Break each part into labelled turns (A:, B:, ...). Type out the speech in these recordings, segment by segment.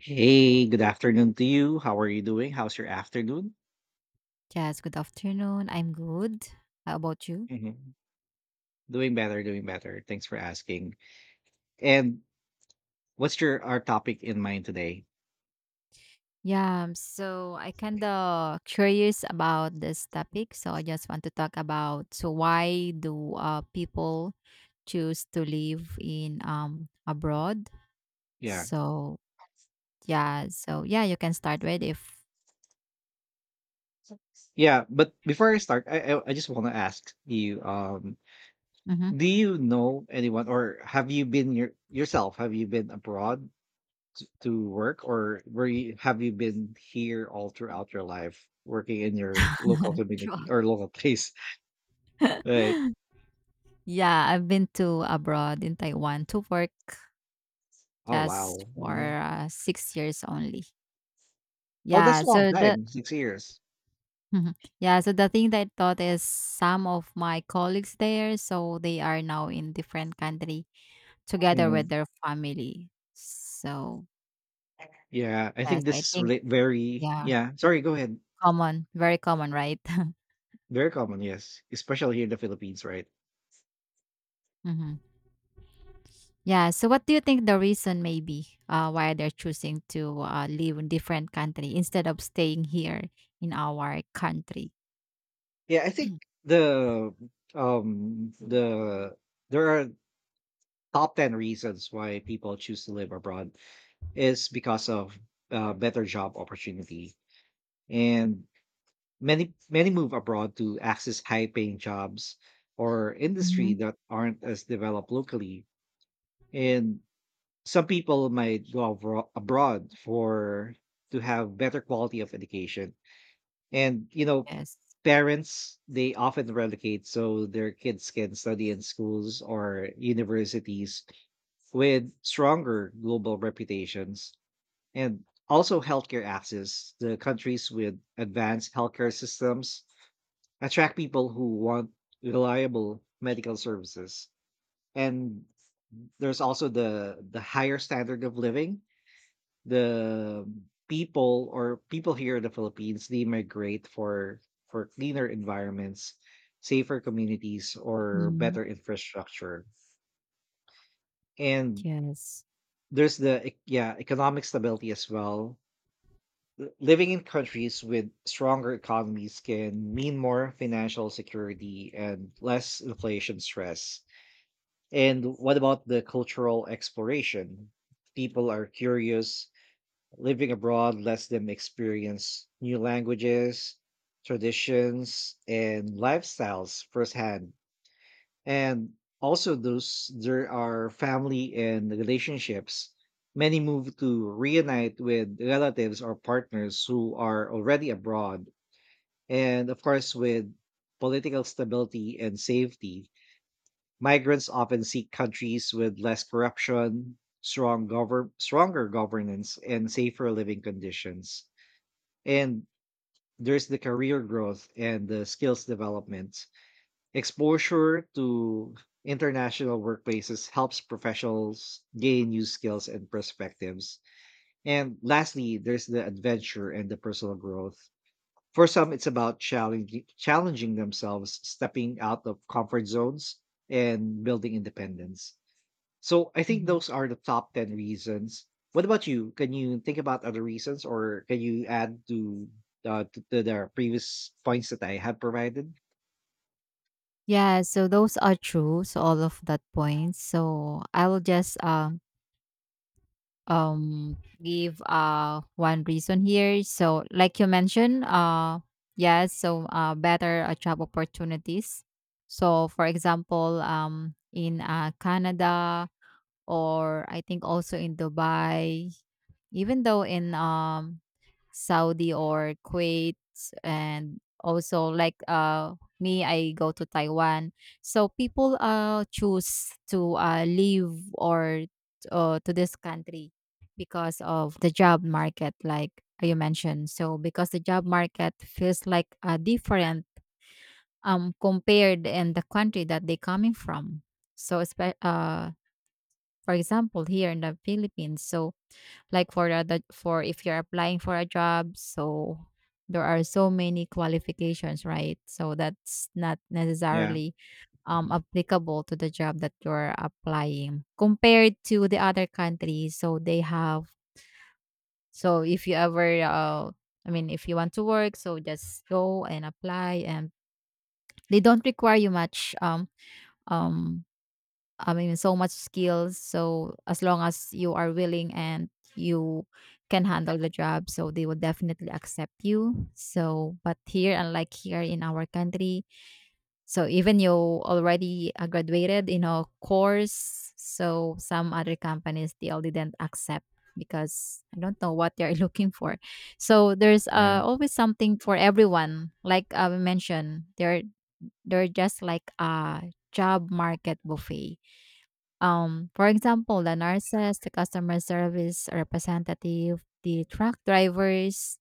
A: Hey, good afternoon to you. How are you doing? How's your afternoon?
B: Yes, good afternoon. I'm good. How about you?
A: Mhm. Doing better, doing better. Thanks for asking. And what's your our topic in mind today?
B: Yeah, so I kind of curious about this topic, so I just want to talk about so why do people choose to live in abroad?
A: Yeah.
B: So yeah, so yeah, you can start with if.
A: Yeah, but before I start, I just want to ask you
B: Mhm.
A: do you know anyone or have you been yourself, have you been abroad to work, or were you have you been here all throughout your life working in your local
B: Sure.
A: community or local place? Right.
B: Yeah, I've been to abroad in Taiwan to work
A: Oh,
B: just
A: wow.
B: for
A: Mhm.
B: 6 years only.
A: Oh, that's
B: Yeah,
A: a long
B: so the
A: time, 6 years.
B: Mhm. Yeah, so the thing that I thought is some of my colleagues there, so they are now in different country together with
A: Mhm.
B: their family. So
A: Yeah, I
B: yes,
A: think this
B: I
A: is
B: think,
A: really very
B: yeah,
A: yeah, sorry, go ahead.
B: common, very common, right?
A: Very common, yes, especially here in the Philippines, right?
B: Hmm. Yeah. So what do you think the reason may be, why they're choosing to live in different country instead of staying here in our country?
A: Yeah, I think the the there are top 10 reasons why people choose to live abroad is because of better job opportunity, and many move abroad to access high paying jobs or
B: Hmm.
A: industry that aren't as developed locally. And some people might go abroad for to have better quality of education, and you know,
B: Yes.
A: parents, they often relegate so their kids can study in schools or universities with stronger global reputations. And also healthcare access, the countries with advanced healthcare systems attract people who want reliable medical services. And there's also the higher standard of living. The people here in the Philippines, they migrate for cleaner environments, safer communities, or
B: Hmm.
A: better infrastructure. And
B: Yes.
A: there's the economic stability as well. Living in countries with stronger economies can mean more financial security and less inflation stress. And what about the cultural exploration? People are curious. Living abroad lets them experience new languages, traditions, and lifestyles firsthand. And also, those there are family and relationships. Many move to reunite with relatives or partners who are already abroad. And of course, with political stability and safety, migrants often seek countries with less corruption, stronger governance, and safer living conditions. And there's the career growth and the skills development, exposure to international workplaces helps professionals gain new skills and perspectives. And lastly, there's the adventure and the personal growth. For some, it's about challenging themselves, stepping out of comfort zones and building independence. So I think
B: Hmm.
A: those are the top 10 reasons. What about you? Can you think about other reasons, or can you add to to the previous points that I have provided?
B: Yeah, so those are true. So all of that points. So I'll just um give one reason here. So like you mentioned, yes, so better job opportunities. So for example, in Canada, or I think also in Dubai, even though in Saudi or Kuwait, and also like me, I go to Taiwan. So people choose to leave, or to this country, because of the job market like you mentioned. So because the job market feels like, different, compared in the country that they coming from. So for example, here in the Philippines, so like for the for, if you're applying for a job, so there are so many qualifications, right, so that's not
A: Yeah.
B: necessarily
A: Mhm.
B: applicable to the job that you're applying, compared to the other countries, so they have. So if you ever, I mean, if you want to work, so just go and apply, and they don't require you much, um I mean, so much skills. So as long as you are willing and you can handle the job, so they will definitely accept you. So but here, unlike here in our country, so even you already graduated in a course, so some other companies still didn't accept, because I don't know what they're looking for. So there's,
A: Yeah.
B: always something for everyone. Like I mentioned, they're just like a job market buffet, for example, the nurses, the customer service representative, the truck drivers,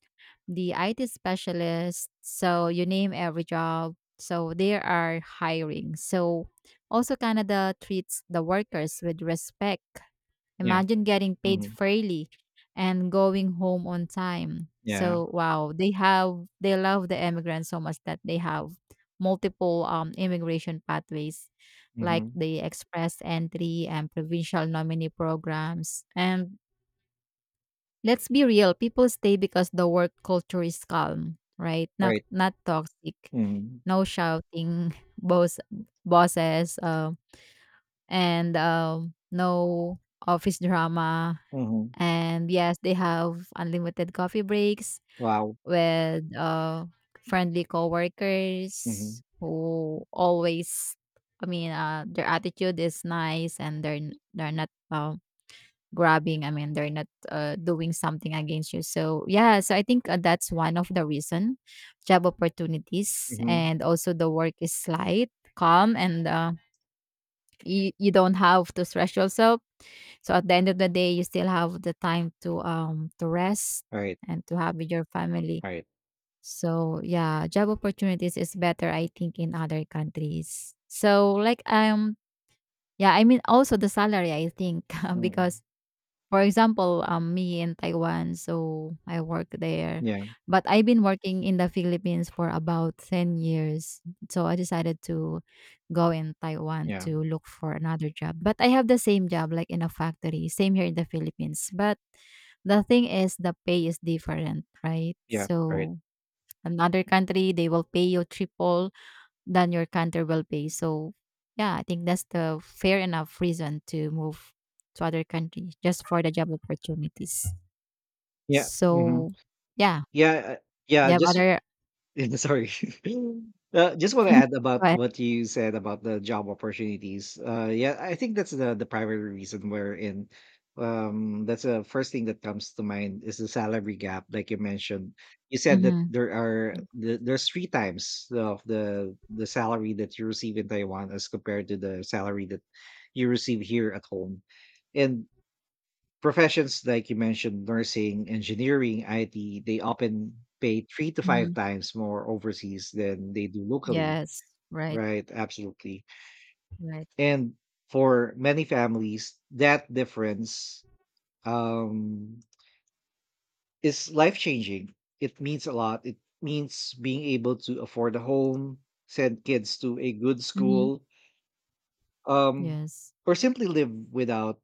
B: the IT specialist. So you name every job. So they are hiring. So also Canada treats the workers with respect.
A: Yeah.
B: Imagine getting paid
A: Hmm.
B: fairly and going home on time.
A: Yeah.
B: So wow, they love the immigrants so much that they have multiple immigration pathways, like
A: Hmm.
B: the express entry and provincial nominee programs. And let's be real, people stay because the work culture is calm, right?
A: All
B: Not
A: right.
B: not toxic,
A: Mm-hmm.
B: no shouting, bosses, and no office drama,
A: Mm-hmm.
B: and yes, they have unlimited coffee breaks
A: Wow.
B: with, friendly
A: Mm-hmm.
B: coworkers who always, I mean, their attitude is nice, and they're not, grabbing. I mean, they're not, doing something against you. So yeah, so I think, that's one of the reason, job opportunities,
A: Mm-hmm.
B: and also the work is light, calm, and, you don't have to stress yourself, so at the end of the day, you still have the time to rest
A: All right.
B: and to have with your family.
A: All right.
B: So yeah, job opportunities is better, I think, in other countries. So like yeah, I mean also the salary, I think,
A: Mm-hmm.
B: because for example, me in Taiwan, so I work there.
A: Yeah.
B: But I've been working in the Philippines for about 10 years. So I decided to go in Taiwan
A: Yeah.
B: to look for another job. But I have the same job like in a factory, same here in the Philippines. But the thing is the pay is different, right?
A: Yeah. All right.
B: So another country, they will pay you triple than your Canterville pay. So yeah, I think that's the fair enough reason to move to other countries just for the job opportunities.
A: Yeah. Mm-hmm.
B: So yeah,
A: Yeah. uh, Yeah.
B: they have
A: Just
B: other.
A: sorry. Just want to add about what you said about the job opportunities. Yeah, I think that's the primary reason we're in. That's the first thing that comes to mind is the salary gap, like you mentioned. You said that
B: Mm-hmm.
A: there's three times of the salary that you receive in Taiwan as compared to the salary that you receive here at home. And professions like you mentioned, nursing, engineering, IT, they often pay three to five
B: Hmm.
A: times more overseas than they do locally,
B: Yes, right,
A: right? Absolutely.
B: right.
A: And for many families, that difference um, is life changing. It means a lot. It means being able to afford a home, send kids to a good
B: Mm-hmm,
A: school, um,
B: yes.
A: or simply live without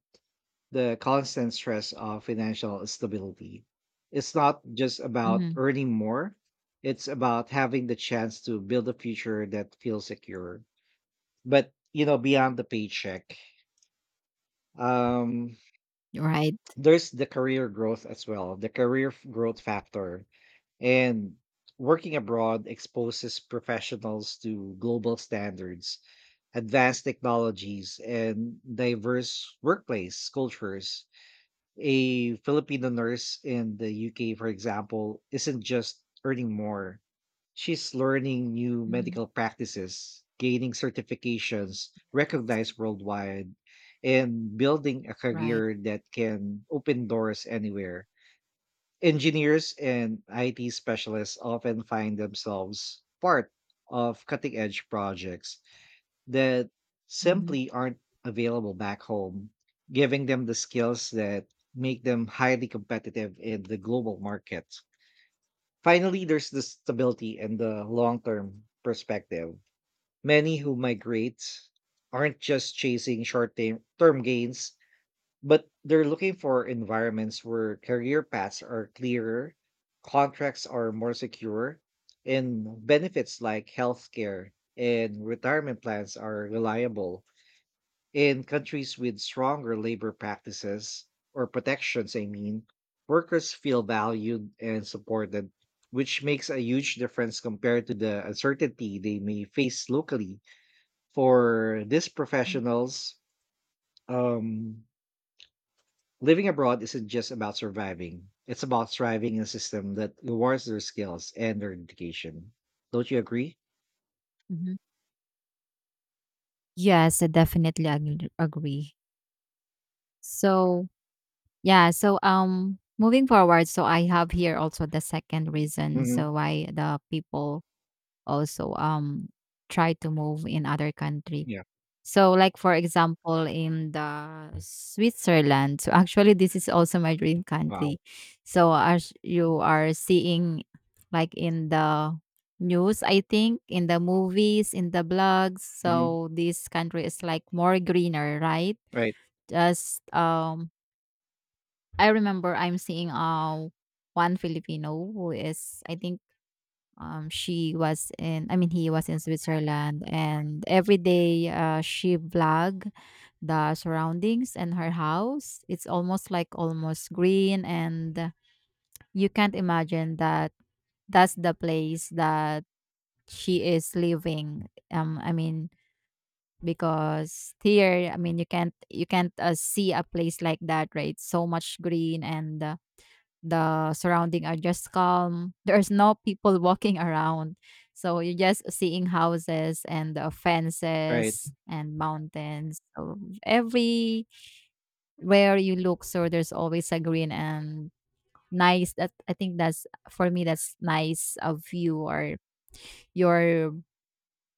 A: the constant stress of financial stability. It's not just about
B: Mm-hmm,
A: earning more, it's about having the chance to build a future that feels secure. But you know, beyond the paycheck, um,
B: right.
A: there's the career growth as well, the growth factor. And working abroad exposes professionals to global standards, advanced technologies, and diverse workplace cultures. A Filipino nurse in the UK, for example, isn't just earning more. She's learning new
B: Mm-hmm,
A: medical practices, gaining certifications
B: yes,
A: recognized worldwide, and building a
B: right.
A: career that can open doors anywhere. Engineers and IT specialists often find themselves part of cutting edge projects that
B: Mm-hmm.
A: simply aren't available back home, giving them the skills that make them highly competitive in the global market. Finally, there's the stability and the long term perspective. Many who migrate aren't just chasing short term gains, but they're looking for environments where career paths are clearer, contracts are more secure, and benefits like healthcare and retirement plans are reliable. In countries with stronger labor practices or protections, I mean, workers feel valued and supported, which makes a huge difference compared to the uncertainty they may face locally. For these professionals, um, living abroad isn't just about surviving, it's about thriving in a system that rewards their skills and their education. Don't you agree?
B: Mm-hmm. Yes, I definitely agree. So yeah, so moving forward, so I have here also the second reason
A: Hmm.
B: so why the people also try to move in other country.
A: Yeah.
B: So like for example, in the Switzerland, so actually this is also my dream
A: Wow.
B: country. So as you are seeing, like in the news, I think in the movies, in the blogs,
A: Hmm.
B: so this country is like more greener, right?
A: Right.
B: Just I remember I'm seeing one Filipino who is, I think, she was in, I mean, he was in Switzerland, and every day, she vlog the surroundings, and her house, it's almost like almost green, and you can't imagine that that's the place that she is living, I mean, because here, I mean, you can't see a place like that, right, so much green, and, the surrounding are just calm. There's no people walking around. So you're just seeing houses and,
A: Right.
B: fences and mountains. So everywhere you look, so there's always a green and nice, that I think, that's for me, that's nice of you, or your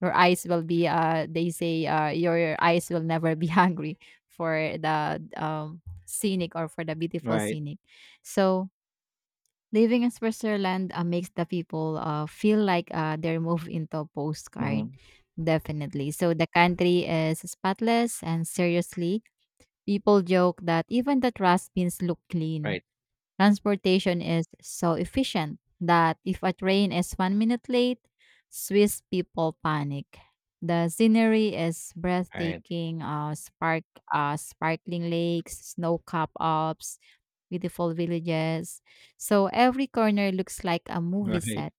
B: eyes will be, they say, your eyes will never be hungry for the scenic, or for the beautiful
A: Right.
B: scenic. So living in Switzerland, makes the people, feel like, they're moved into a postcard,
A: Hmm.
B: definitely. So the country is spotless, and seriously, people joke that even the trash bins look clean.
A: Right.
B: Transportation is so efficient that if a train is 1 minute late, Swiss people panic. The scenery is
A: Right.
B: breathtaking, sparkling lakes, snow-capped Alps, beautiful villages. So every corner looks like a movie
A: Right.
B: set.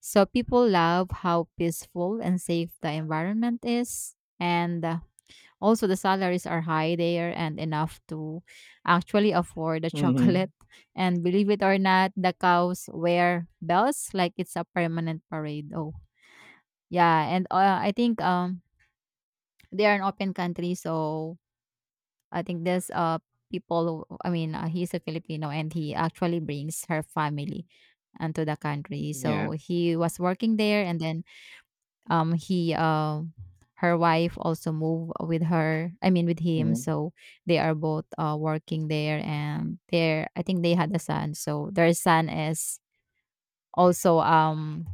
B: So people love how peaceful and safe the environment is. And, also, the salaries are high there and enough to actually afford the chocolate.
A: Mhm.
B: And believe it or not, the cows wear bells like it's a permanent parade. Oh, yeah. And, I think, they are an open country, so I think there's, people. Who- I mean, he's a Filipino, and he actually brings her family onto the country. So
A: Yeah.
B: he was working there, and then he her wife also moved with her, I mean with him,
A: Mhm.
B: so they are both working there, and they, I think, they had a son, so their son is also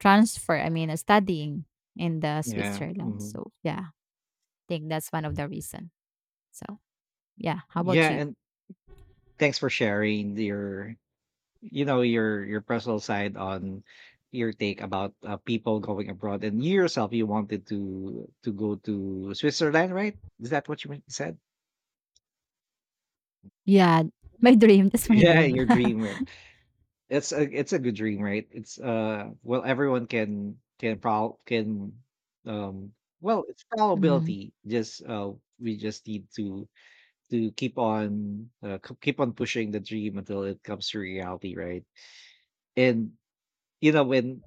B: transfer I mean studying in the
A: Yeah.
B: Switzerland.
A: Mhm.
B: So yeah, I think that's one of the reason. So yeah, how
A: Yeah,
B: about you?
A: and thanks for sharing your you know, your personal side on your take about, people going abroad. And you yourself, you wanted to go to Switzerland, right? Is that what you meant said?
B: Yeah, my dream, that's my
A: Yeah,
B: dream.
A: your dream, right? It's a good dream, right? It's, uh, well, everyone can prob can, um, well, it's
B: Hmm.
A: probability, just, uh, we just need to keep on keep on pushing the dream until it comes to reality, right? And you know, when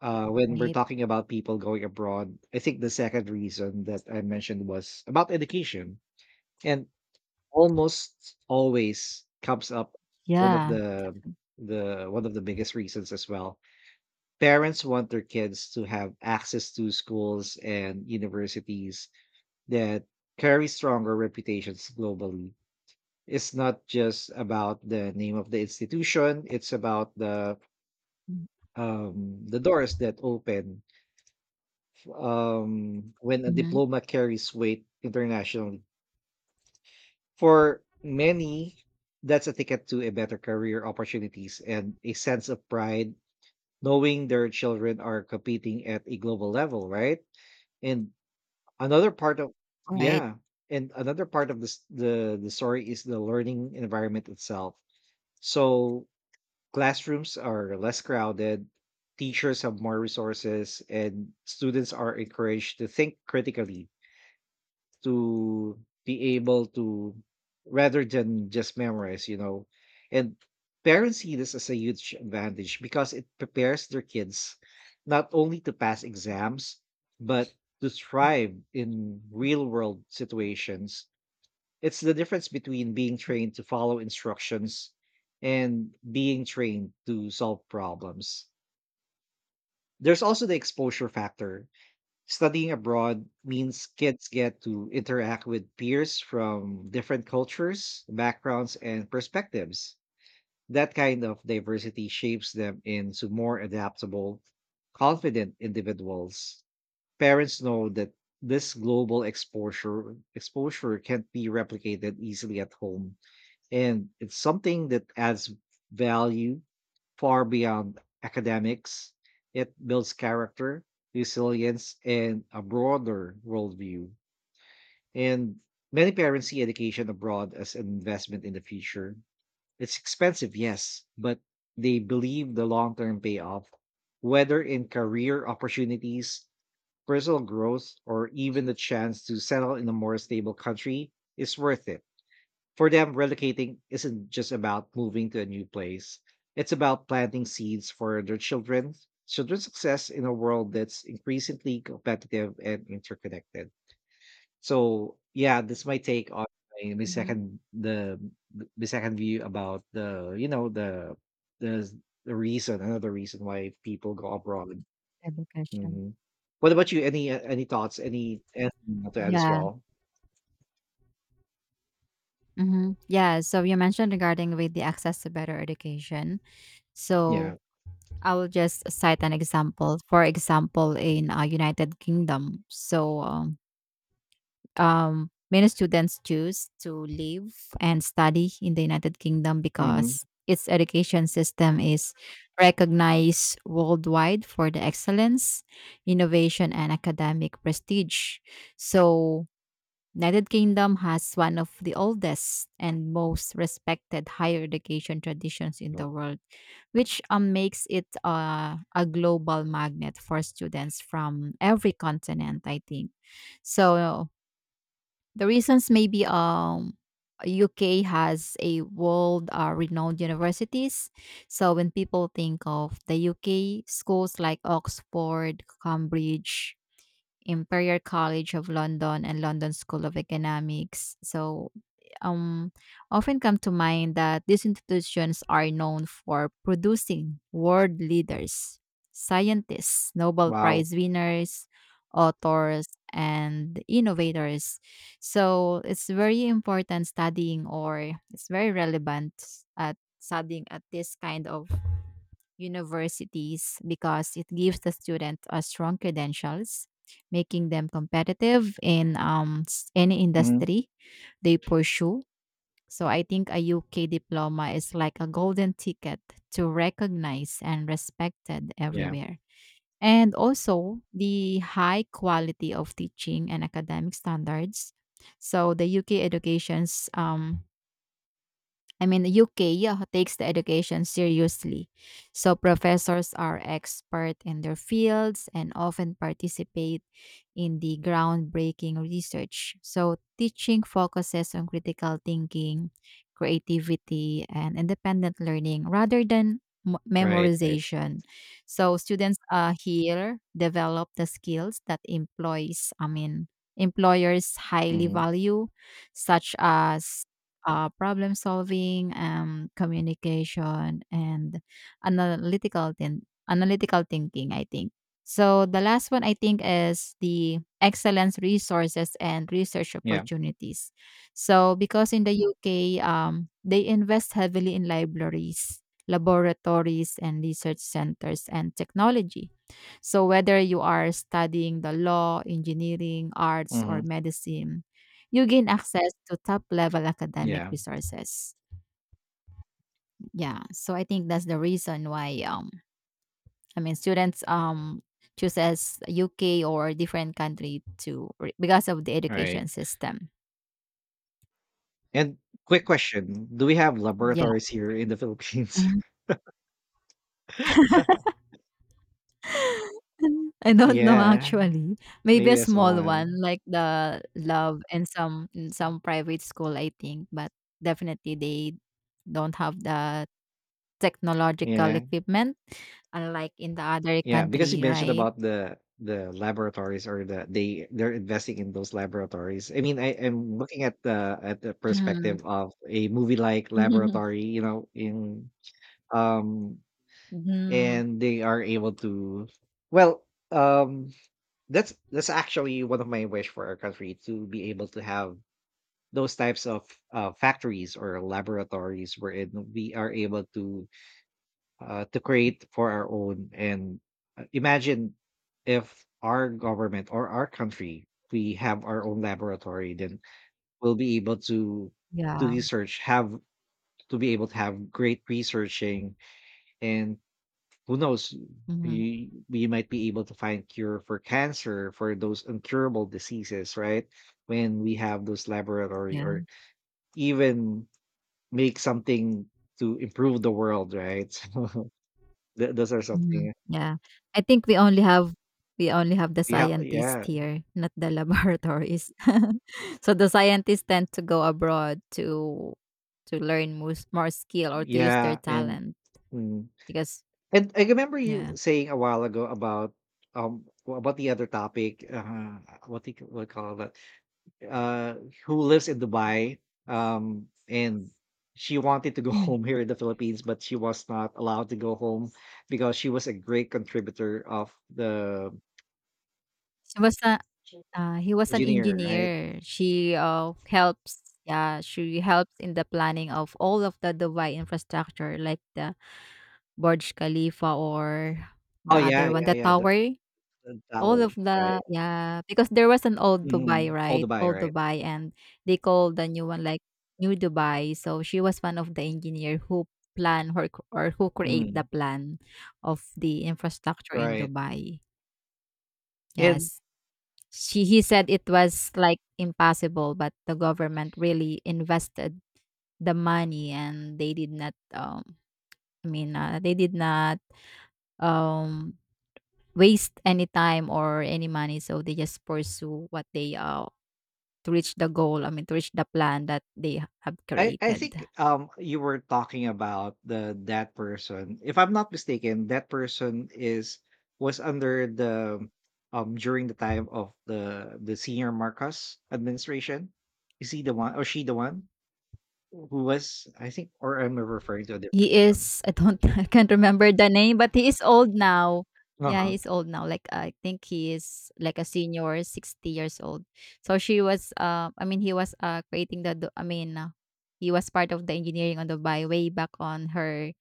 A: uh, when we're
B: Right.
A: talking about people going abroad, I think the second reason that I mentioned was about education, and almost always comes up one of
B: Yeah,
A: the
B: definitely.
A: one of the biggest reasons as well. Parents want their kids to have access to schools and universities that carry stronger reputations globally. It's not just about the name of the institution, it's about the doors that open um, when a
B: Mhm.
A: diploma carries weight internationally. For many, that's a ticket to a better career opportunities and a sense of pride, knowing their children are competing at a global level, right? And another part of
B: Right.
A: yeah, and another part of this, the story is the learning environment itself. So classrooms are less crowded, teachers have more resources, and students are encouraged to think critically, to be able to, rather than just memorize, you know. And parents see this as a huge advantage because it prepares their kids not only to pass exams, but to thrive in real world situations. It's the difference between being trained to follow instructions and being trained to solve problems. There's also the exposure factor. Studying abroad means kids get to interact with peers from different cultures, backgrounds, and perspectives. That kind of diversity shapes them into more adaptable, confident individuals. Parents know that this global exposure can't be replicated easily at home, and it's something that adds value far beyond academics. It builds character, resilience, and a broader worldview. And many parents see education abroad as an investment in the future. It's expensive, yes, but they believe the long term payoff, whether in career opportunities, personal growth, or even the chance to settle in a more stable country, is worth it. For them, relocating isn't just about moving to a new place. It's about planting seeds for their children's success in a world that's increasingly competitive and interconnected. So yeah, this my take on my, my
B: Hmm.
A: second the my second view about the, you know, the the reason, another reason why people go abroad.
B: Education.
A: Hmm. What about you? Any thoughts? Any anything to add as
B: Yeah.
A: well?
B: Mm-hmm. Yeah, so you mentioned regarding with the access to better education.
A: Yeah.
B: So I will just cite an example. For example, in, United Kingdom, so many students choose to live and study in the United Kingdom,
A: Hmm.
B: because its education system is recognized worldwide for the excellence, innovation, and academic prestige. So United Kingdom has one of the oldest and most respected higher education traditions in the world, which, makes it, a global magnet for students from every continent, I think. So the reasons maybe, UK has a world, renowned universities. So when people think of the UK, schools like Oxford, Cambridge, Imperial College of London, and London School of Economics, so, um, often come to mind, that these institutions are known for producing world leaders, scientists, Nobel
A: Wow.
B: Prize winners, authors, and innovators. So it's very important studying, or it's very relevant at studying at this kind of universities, because it gives the student a strong credentials, making them competitive in, any
A: Hmm.
B: industry they pursue. So I think a UK diploma is like a golden ticket, to recognize and respected
A: Yeah.
B: everywhere. And also the high quality of teaching and academic standards. So the UK education's, I mean, the UK, yeah, takes the education seriously. So professors are expert in their fields, and often participate in the groundbreaking research. So teaching focuses on critical thinking, creativity, and independent learning, rather than
A: Right, right.
B: memorization. So students, here develop the skills that employers highly
A: Mhm.
B: value, such as, problem solving, communication, and analytical thinking, I think so. The last one I think is the excellence resources and research
A: Yeah.
B: opportunities. So because in the UK, they invest heavily in libraries, laboratories, and research centers and technology. So whether you are studying the law, engineering, arts, or
A: Mhm.
B: medicine, you gain access to top level academic
A: Yeah.
B: resources. Yeah, so I think that's the reason why, I mean, students chooses UK or different country to because of the
A: Right.
B: education system.
A: And quick question, do we have
B: Yeah.
A: laboratories here in the Philippines?
B: Mhm. I don't know
A: Yeah,
B: actually. Maybe a
A: maybe that's all
B: small
A: I'm
B: one like the love and some in some private school I think, but definitely they don't have the technological
A: yeah.
B: equipment unlike in the other
A: Yeah, because you
B: country,
A: mentioned
B: right?
A: about the laboratories, or the they they're investing in those laboratories. I mean, I am looking at the
B: Mhm.
A: perspective of a movie like Laboratory, you know, in um,
B: Mhm.
A: and they are able to, well, um, that's actually one of my wish for our country to be able to have those types of factories or laboratories wherein we are able to create for our own. And imagine if our government or our country, we have our own laboratory, then we'll be able to
B: Yeah.
A: research, have to be able to have great researching, and who knows,
B: Mhm.
A: we might be able to find cure for cancer, for those incurable diseases, right? When we have those laboratory, or
B: Yeah.
A: even make something to improve the world, right? So those are
B: Mhm.
A: something
B: Yeah. I think we only have the
A: yeah,
B: scientists
A: yeah,
B: here, not the laboratories. So the scientists tend to go abroad to learn more skill or to use their
A: yeah. And
B: talent
A: mm.
B: because
A: And I remember you
B: yeah.
A: saying a while ago about um, about the other topic, uh, what do you call that, uh, who lives in Dubai, and she wanted to go
B: Mhm.
A: home here in the Philippines, but she was not allowed to go home because she was a great contributor of the
B: She was a he was an
A: engineer, right?
B: engineer. She helps, yeah, she helps in the planning of all of the Dubai infrastructure like the Burj Khalifa or
A: Oh
B: the
A: yeah,
B: other one,
A: yeah,
B: the
A: yeah.
B: tower.
A: The
B: All
A: tower,
B: of the,
A: right?
B: yeah, because there was an old Dubai,
A: Mhm. All
B: right?
A: Dubai,
B: Old
A: right?
B: Dubai, and they called the new one, like, New Dubai. So she was one of the engineer who plan or c or who create the
A: Mm,
B: plan of the infrastructure in
A: right.
B: Dubai.
A: And
B: Yes. She he said it was, like, impossible, but the government really invested the money, and they did not, they did not, um, waste any time or any money, so they just pursue what they, to reach the goal, I mean, to reach the plan that they have
A: I
B: created.
A: think um, you were talking about the that person. If I'm not mistaken, that person is was under the um, during the time of the senior Marcos administration. Is he the one or she the one who was, I think, or am I referring to a
B: He
A: different one?
B: is, I don't, I can't remember the name, but he is old now. Yeah,
A: Uh-huh.
B: he's old now. Like I think he is like a senior, 60 years old. So she was I mean he was creating the he was part of the engineering on Dubai way back on her,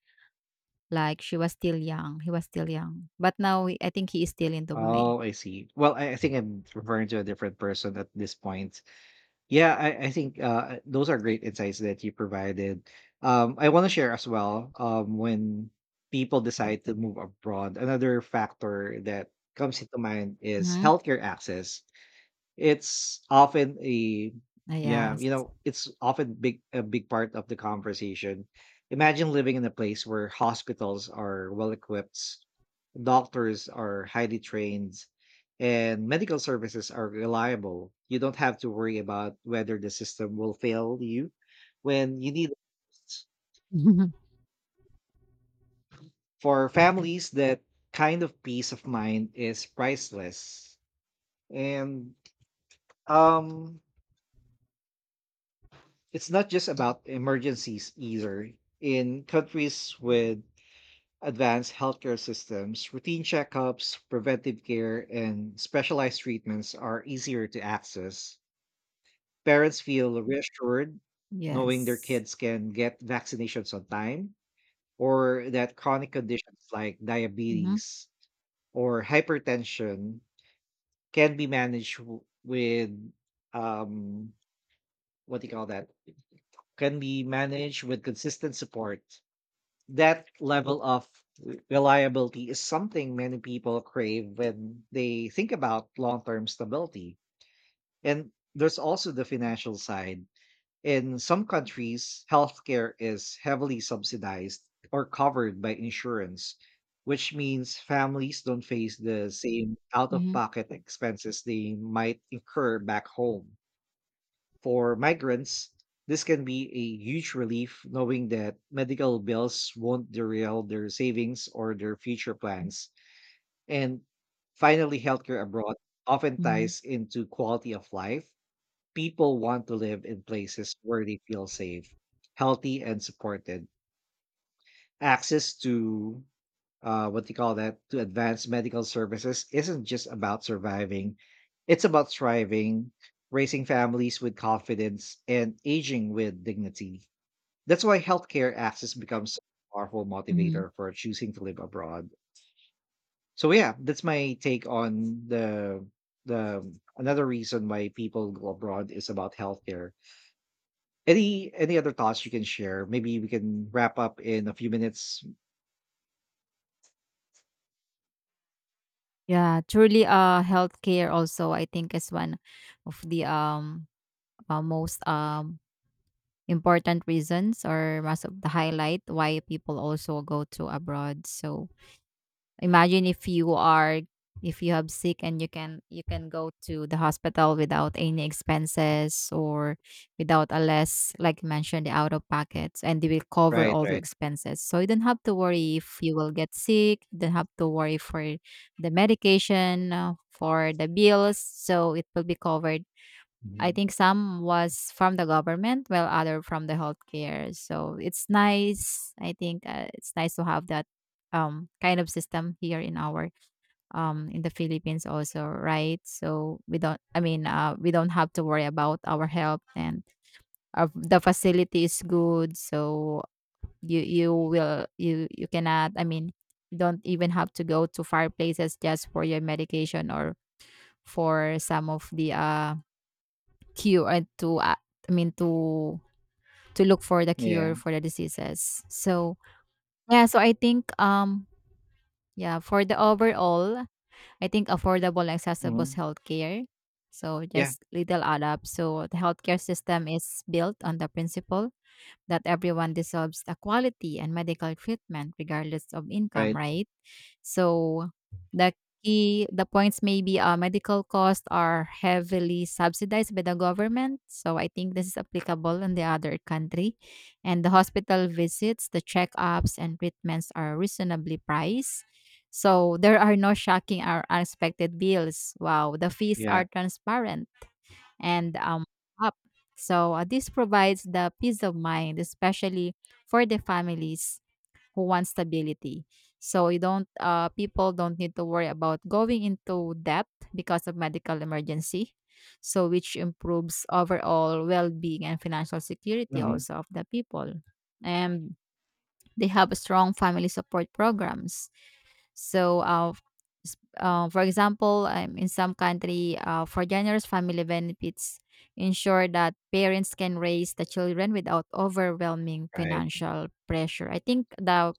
B: like she was still young. He was still young. But now I think he is still in Dubai.
A: Oh, I see. Well, I think I'm referring to a different person at this point. Yeah, I think those are great insights that you provided. I want to share as well when people decide to move abroad, another factor that comes into mind is
B: Mm-hmm.
A: healthcare access. It's often a
B: Ah,
A: yeah,
B: yes.
A: you know, it's often big a big part of the conversation. Imagine living in a place where hospitals are well equipped, doctors are highly trained, and medical services are reliable. You don't have to worry about whether the system will fail you when you need it. For families, that kind of peace of mind is priceless. And um it's not just about emergencies either. In countries with advanced healthcare systems, routine checkups, preventive care, and specialized treatments are easier to access. Parents feel reassured knowing their
B: Yes.
A: kids can get vaccinations on time, or that chronic conditions like
B: Mm-hmm.
A: diabetes or hypertension can be managed with um what do you call that can be managed with consistent support. That level of reliability is something many people crave when they think about long-term stability. And there's also the financial side. In some countries, healthcare is heavily subsidized or covered by insurance, which means families don't face the same
B: Mm-hmm.
A: out-of-pocket expenses they might incur back home. For migrants, this can be a huge relief, knowing that medical bills won't derail their savings or their future plans. And finally, healthcare abroad often
B: Mm-hmm.
A: ties into quality of life. People want to live in places where they feel safe, healthy, and supported. Access to what do you call that, to advanced medical services isn't just about surviving. It's about thriving, raising families with confidence, and aging with dignity. That's why healthcare access becomes a powerful
B: Mm-hmm.
A: motivator for choosing to live abroad. So yeah, that's my take on the another reason why people go abroad is about healthcare. Any other thoughts you can share? Maybe we can wrap up in a few minutes.
B: Yeah, truly healthcare also I think is one of the most important reasons or most of the highlight why people also go to abroad. So, imagine if you are, if you have sick and you can go to the hospital without any expenses or without a less, like you mentioned, the out of pockets, and they will cover
A: Right,
B: all your
A: right.
B: expenses, so you don't have to worry if you will get sick, you don't have to worry for the medication, for the bills, so it will be covered. I
A: Mhm.
B: think some was from the government, while other from the healthcare. So it's nice. I think, it's nice to have that kind of system here in our, in the Philippines also, right? So we don't. I mean, we don't have to worry about our health, and our, the facility is good. So you cannot. I mean, you don't even have to go to far places just for your medication or for some of the cure and to I mean to look for the
A: Yeah.
B: cure for the diseases. So yeah, so I think yeah, for the overall, I think affordable and accessible
A: Mhm.
B: healthcare. So
A: Yeah.
B: just little add up. So the healthcare system is built on the principle that everyone deserves the quality and medical treatment regardless of income,
A: Right.
B: right? So the key the points maybe, medical costs are heavily subsidized by the government. So I think this is applicable in the other country. And the hospital visits, the checkups and treatments are reasonably priced. So there are no shocking or unexpected bills. Wow, the fees
A: Yeah.
B: are transparent and up. So, this provides the peace of mind, especially for the families who want stability. So you don't, people don't need to worry about going into debt because of medical emergency. So which improves overall well-being and financial security
A: Mhm.
B: also of the people. And they have strong family support programs. So, for example, in some country, for generous family benefits, ensure that parents can raise the children without overwhelming
A: Right.
B: financial pressure. I think the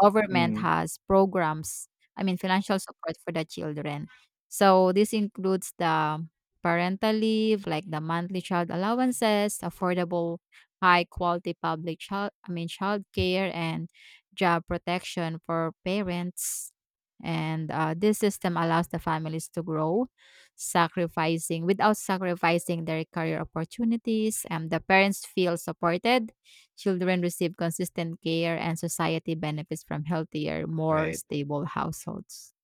B: government
A: Mhm.
B: has programs. I mean, financial support for the children. So this includes the parental leave, like the monthly child allowances, affordable high quality public child I mean child care and job protection for parents. And this system allows the families to grow, sacrificing without sacrificing their career opportunities. And the parents feel supported, children receive consistent care, and society benefits from healthier, more
A: Right.
B: stable households.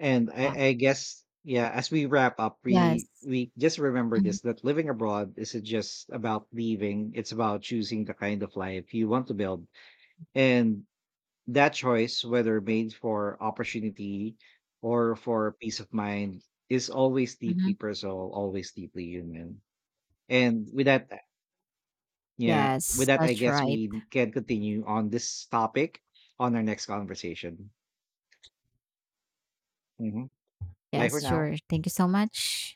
A: And
B: Yeah.
A: I guess yeah, as we wrap up,
B: Yes.
A: we just remember
B: Mhm.
A: this, that living abroad isn't just about leaving, it's about choosing the kind of life you want to build. And that choice, whether made for opportunity or for peace of mind, is always deeply
B: Mhm.
A: personal, always deeply human. And with that, yeah, with
B: Yes,
A: that, I
B: that's
A: guess
B: right.
A: we can continue on this topic on our next conversation. Mhm. Bye for
B: Yes,
A: now.
B: sure. Thank you so much.